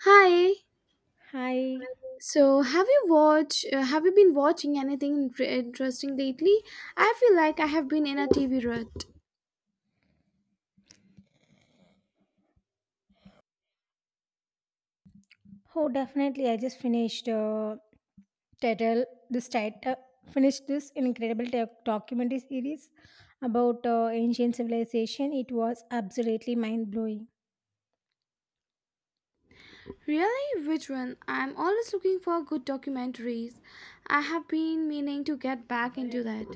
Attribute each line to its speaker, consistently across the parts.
Speaker 1: Hi.
Speaker 2: Hi.
Speaker 1: So, have you watched? Have you been watching anything interesting lately? I feel like I have been in a TV rut.
Speaker 2: Oh, definitely. I just finished title this title finished this incredible documentary series about ancient civilization. It was absolutely mind blowing.
Speaker 1: Really? Which one? I'm always looking for good documentaries. I have been meaning to get back into that.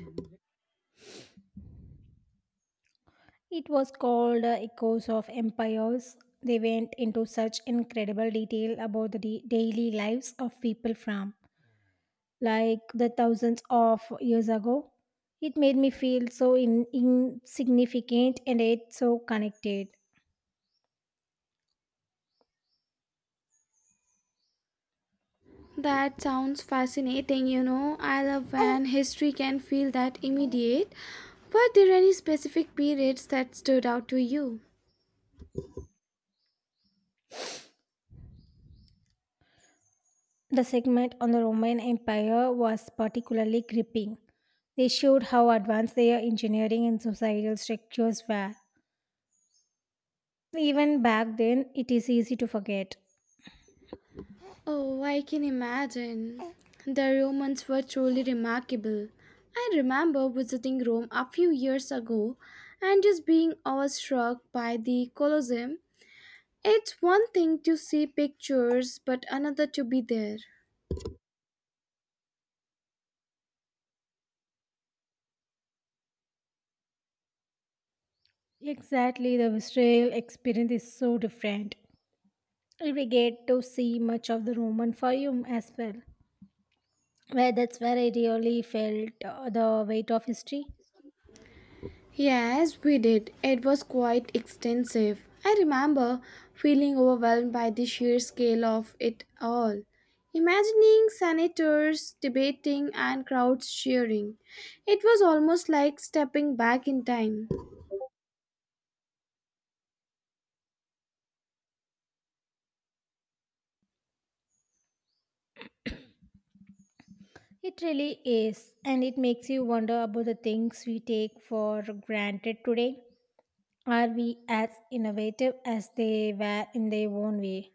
Speaker 2: It was called Echoes of Empires. They went into such incredible detail about the daily lives of people from like the thousands of years ago. It made me feel so insignificant and yet so connected.
Speaker 1: That sounds fascinating. I love when history can feel that immediate. Were there any specific periods that stood out to you?
Speaker 2: The segment on the Roman Empire was particularly gripping. They showed how advanced their engineering and societal structures were. Even back then, it is easy to forget.
Speaker 1: Oh, I can imagine. The Romans were truly remarkable. I remember visiting Rome a few years ago and just being awestruck by the Colosseum. It's one thing to see pictures, but another to be there.
Speaker 2: Exactly, the visceral experience is so different. We get to see much of the Roman Forum as well, where that's where I really felt the weight of history.
Speaker 1: Yes, we did. It was quite extensive. I remember feeling overwhelmed by the sheer scale of it all. Imagining senators debating and crowds cheering. It was almost like stepping back in time.
Speaker 2: It really is, and it makes you wonder about the things we take for granted today. Are we as innovative as they were in their own way?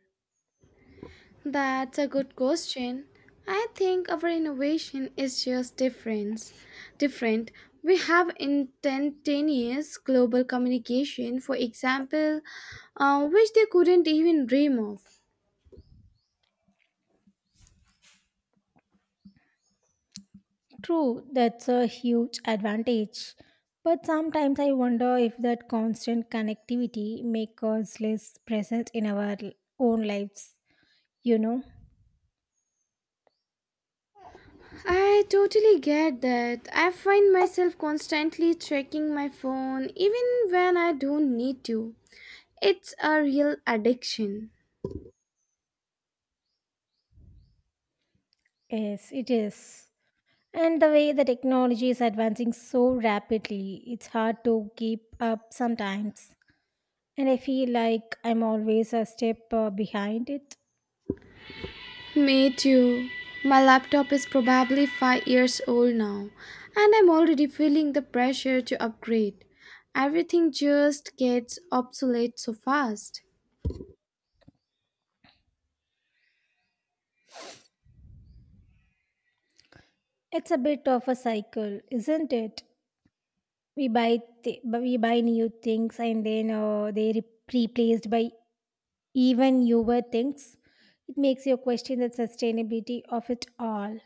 Speaker 1: That's a good question. I think our innovation is just difference. Different. We have instantaneous global communication, for example, which they couldn't even dream of.
Speaker 2: True, that's a huge advantage. But sometimes I wonder if that constant connectivity makes us less present in our own lives. You know?
Speaker 1: I totally get that. I find myself constantly checking my phone even when I don't need to. It's a real addiction.
Speaker 2: Yes, it is. And the way the technology is advancing so rapidly, it's hard to keep up sometimes. And I feel like I'm always a step behind it.
Speaker 1: Me too. My laptop is probably 5 years old now, and I'm already feeling the pressure to upgrade. Everything just gets obsolete so fast.
Speaker 2: It's a bit of a cycle, isn't it? We buy new things and then they replaced by even newer things. It makes you question the sustainability of it all.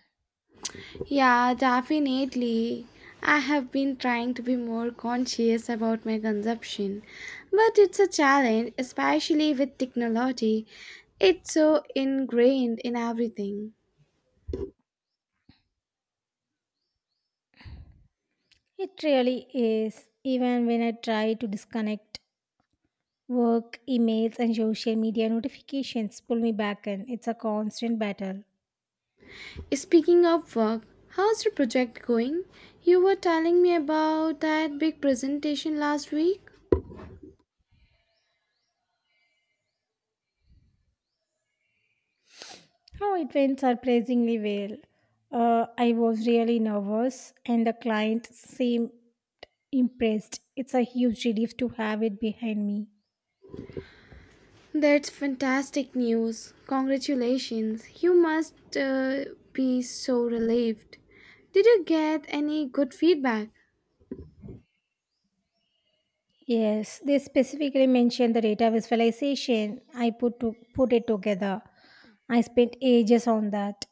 Speaker 1: Yeah, definitely. I have been trying to be more conscious about my consumption, but it's a challenge, especially with technology. It's so ingrained in everything.
Speaker 2: It really is. Even when I try to disconnect, work, emails, and social media notifications pull me back in. It's a constant battle.
Speaker 1: Speaking of work, how's your project going? You were telling me about that big presentation last week.
Speaker 2: Oh, it went surprisingly well. I was really nervous, and the client seemed impressed. It's a huge relief to have it behind me.
Speaker 1: That's fantastic news. Congratulations. You must be so relieved. Did you get any good feedback?
Speaker 2: Yes, they specifically mentioned the data visualization I put to put it together. I spent ages on that.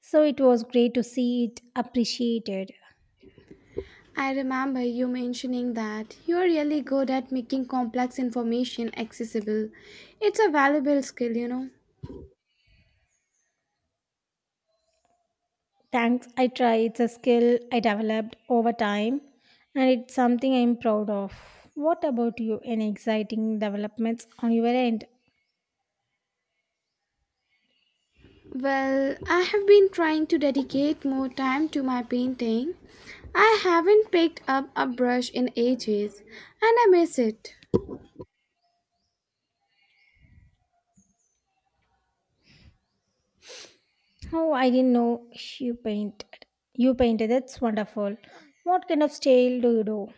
Speaker 2: So it was great to see it appreciated.
Speaker 1: I remember you mentioning that you're really good at making complex information accessible. It's a valuable skill.
Speaker 2: Thanks, I try. It's a skill I developed over time and it's something I'm proud of. What about you? Any exciting developments on your end?
Speaker 1: Well, I have been trying to dedicate more time to my painting. I haven't picked up a brush in ages and I miss it.
Speaker 2: Oh, I didn't know you painted. That's wonderful. What kind of style do you do?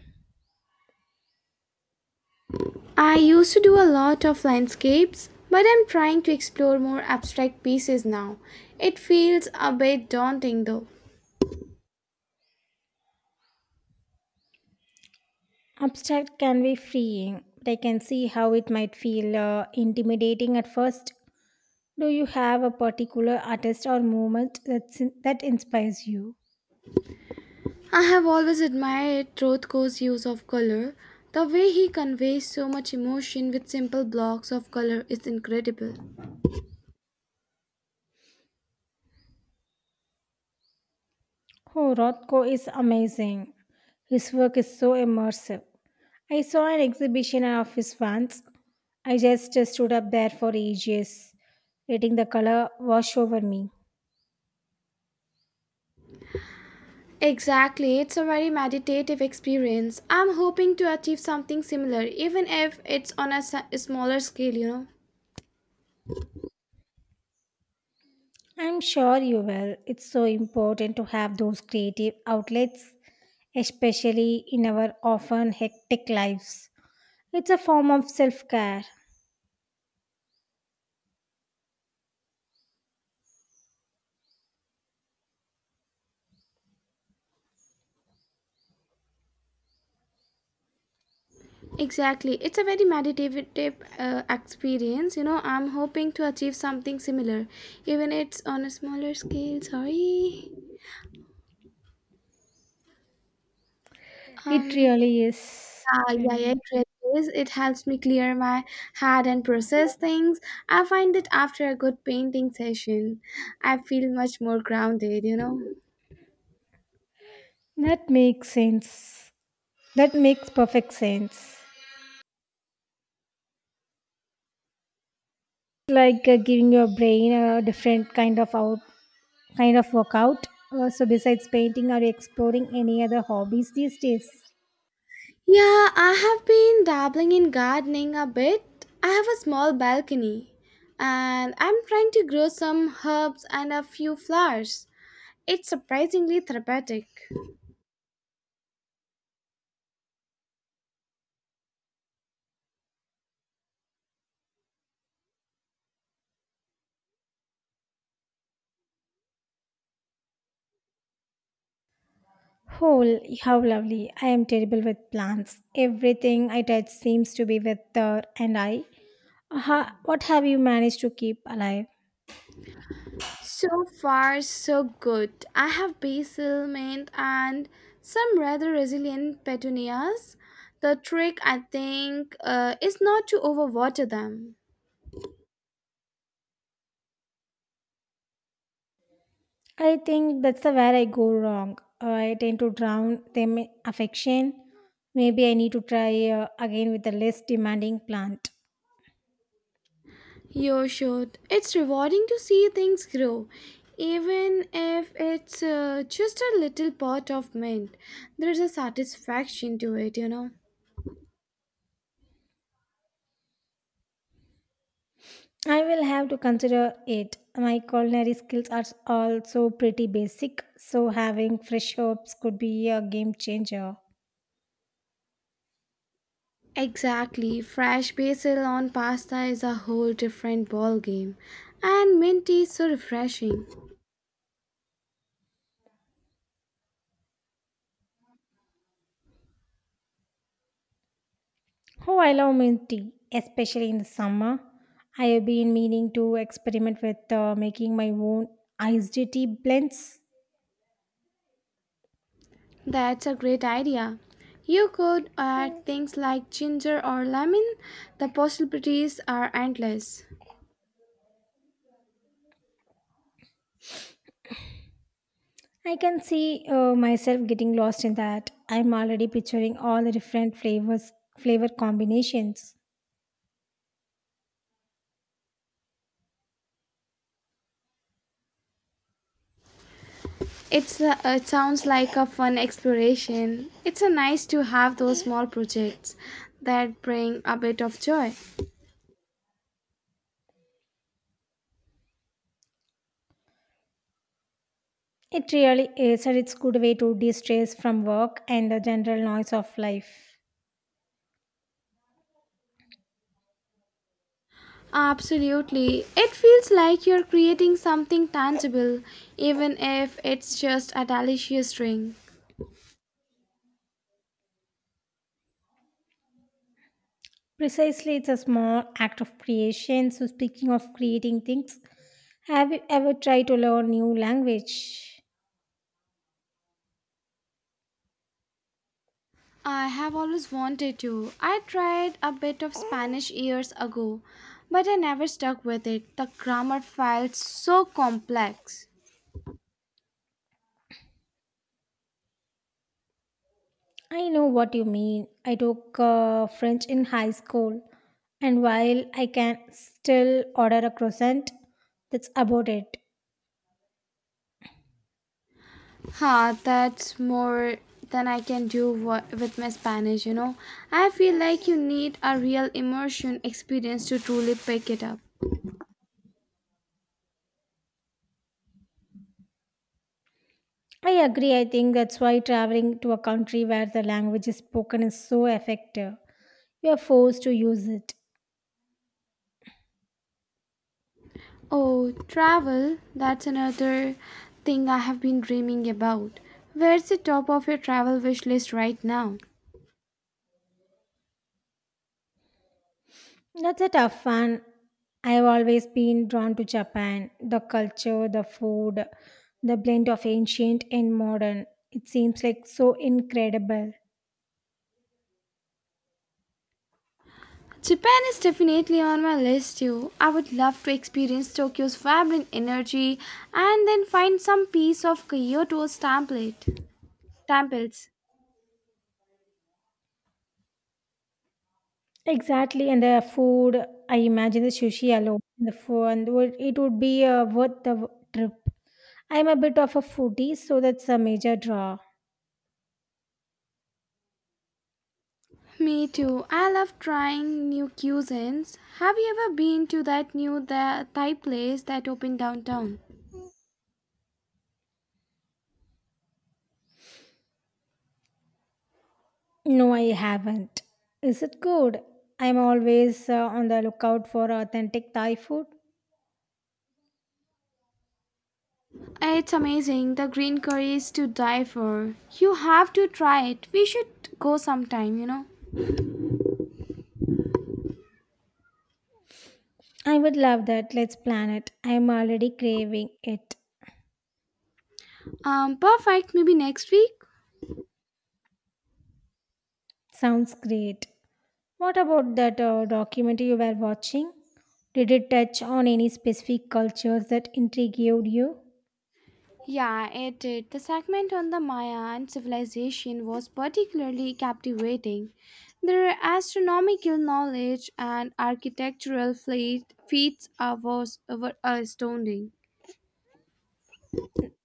Speaker 1: I used to do a lot of landscapes, but I'm trying to explore more abstract pieces now. It feels a bit daunting though.
Speaker 2: Abstract can be freeing, but I can see how it might feel intimidating at first. Do you have a particular artist or movement that inspires you?
Speaker 1: I have always admired Rothko's use of color. The way he conveys so much emotion with simple blocks of color is incredible.
Speaker 2: Oh, Rothko is amazing. His work is so immersive. I saw an exhibition of his once. I just stood up there for ages, letting the color wash over me.
Speaker 1: Exactly, it's a very meditative experience. I'm hoping to achieve something similar, even if it's on a smaller scale.
Speaker 2: I'm sure you will. It's so important to have those creative outlets, especially in our often hectic lives. It's a form of self care.
Speaker 1: Exactly, it's a very meditative experience. I'm hoping to achieve something similar, even it's on a smaller scale. Sorry.
Speaker 2: It
Speaker 1: Um.
Speaker 2: really is.
Speaker 1: Uh,
Speaker 2: It
Speaker 1: yeah, yeah,
Speaker 2: really.
Speaker 1: it really is. It helps me clear my head and process things. I find that after a good painting session, I feel much more grounded.
Speaker 2: That makes sense. That makes perfect sense. Like giving your brain a different kind of workout. So besides painting, are you exploring any other hobbies these days?
Speaker 1: Yeah, I have been dabbling in gardening a bit. I have a small balcony and I'm trying to grow some herbs and a few flowers. It's surprisingly therapeutic.
Speaker 2: Oh, how lovely. I am terrible with plants. Everything I touch seems to be withered, and I. What have you managed to keep alive?
Speaker 1: So far, so good. I have basil, mint, and some rather resilient petunias. The trick, I think, is not to overwater them.
Speaker 2: I think that's the where I go wrong. I tend to drown them in affection. Maybe I need to try again with a less demanding plant.
Speaker 1: You should. It's rewarding to see things grow, even if it's just a little pot of mint. There's a satisfaction to it.
Speaker 2: I will have to consider it. My culinary skills are also pretty basic, so having fresh herbs could be a game changer.
Speaker 1: Exactly. Fresh basil on pasta is a whole different ballgame, and mint is so refreshing.
Speaker 2: Oh, I love mint tea, especially in the summer. I have been meaning to experiment with making my own iced tea blends.
Speaker 1: That's a great idea. You could add things like ginger or lemon. The possibilities are endless.
Speaker 2: I can see myself getting lost in that. I'm already picturing all the different flavor combinations.
Speaker 1: It sounds like a fun exploration. It's a nice to have those small projects that bring a bit of joy.
Speaker 2: It really is, and it's good way to de-stress from work and the general noise of life.
Speaker 1: Absolutely. It feels like you're creating something tangible, even if it's just a delicious drink.
Speaker 2: Precisely, it's a small act of creation. So, speaking of creating things, have you ever tried to learn new language?
Speaker 1: I have always wanted to. I tried a bit of Spanish years ago, but I never stuck with it. The grammar felt so complex.
Speaker 2: I know what you mean. I took French in high school, and while I can still order a croissant, that's about it.
Speaker 1: Huh, that's more than I can do with my Spanish. I feel like you need a real immersion experience to truly pick it up.
Speaker 2: I agree. I think that's why traveling to a country where the language is spoken is so effective. You are forced to use it.
Speaker 1: Oh, travel, that's another thing I have been dreaming about. Where's the top of your travel wish list right now?
Speaker 2: That's a tough one. I've always been drawn to Japan. The culture, the food, the blend of ancient and modern. It seems like so incredible.
Speaker 1: Japan is definitely on my list too. I would love to experience Tokyo's vibrant energy and then find some piece of Kyoto's template. Temples.
Speaker 2: Exactly, and I imagine the sushi alone, the food, it would be worth the trip. I'm a bit of a foodie, so that's a major draw.
Speaker 1: Me too. I love trying new cuisines. Have you ever been to that new Thai place that opened downtown?
Speaker 2: No, I haven't. Is it good? I'm always on the lookout for authentic Thai food.
Speaker 1: It's amazing. The green curry is to die for. You have to try it. We should go sometime.
Speaker 2: I would love that. Let's plan it. I'm already craving it.
Speaker 1: Perfect. Maybe next week.
Speaker 2: Sounds great. What about that documentary you were watching? Did it touch on any specific cultures that intrigued you?
Speaker 1: Yeah, it did. The segment on the Maya and civilization was particularly captivating. Their astronomical knowledge and architectural fleet, feats are, was, were astounding.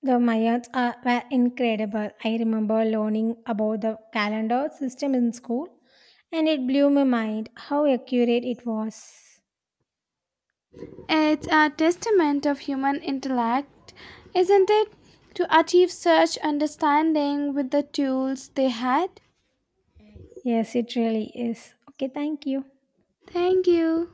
Speaker 2: The were incredible. I remember learning about the calendar system in school and it blew my mind how accurate it was.
Speaker 1: It's a testament of human intellect, isn't it? To achieve such understanding with the tools they had.
Speaker 2: Yes, it really is. Okay, thank you.
Speaker 1: Thank you.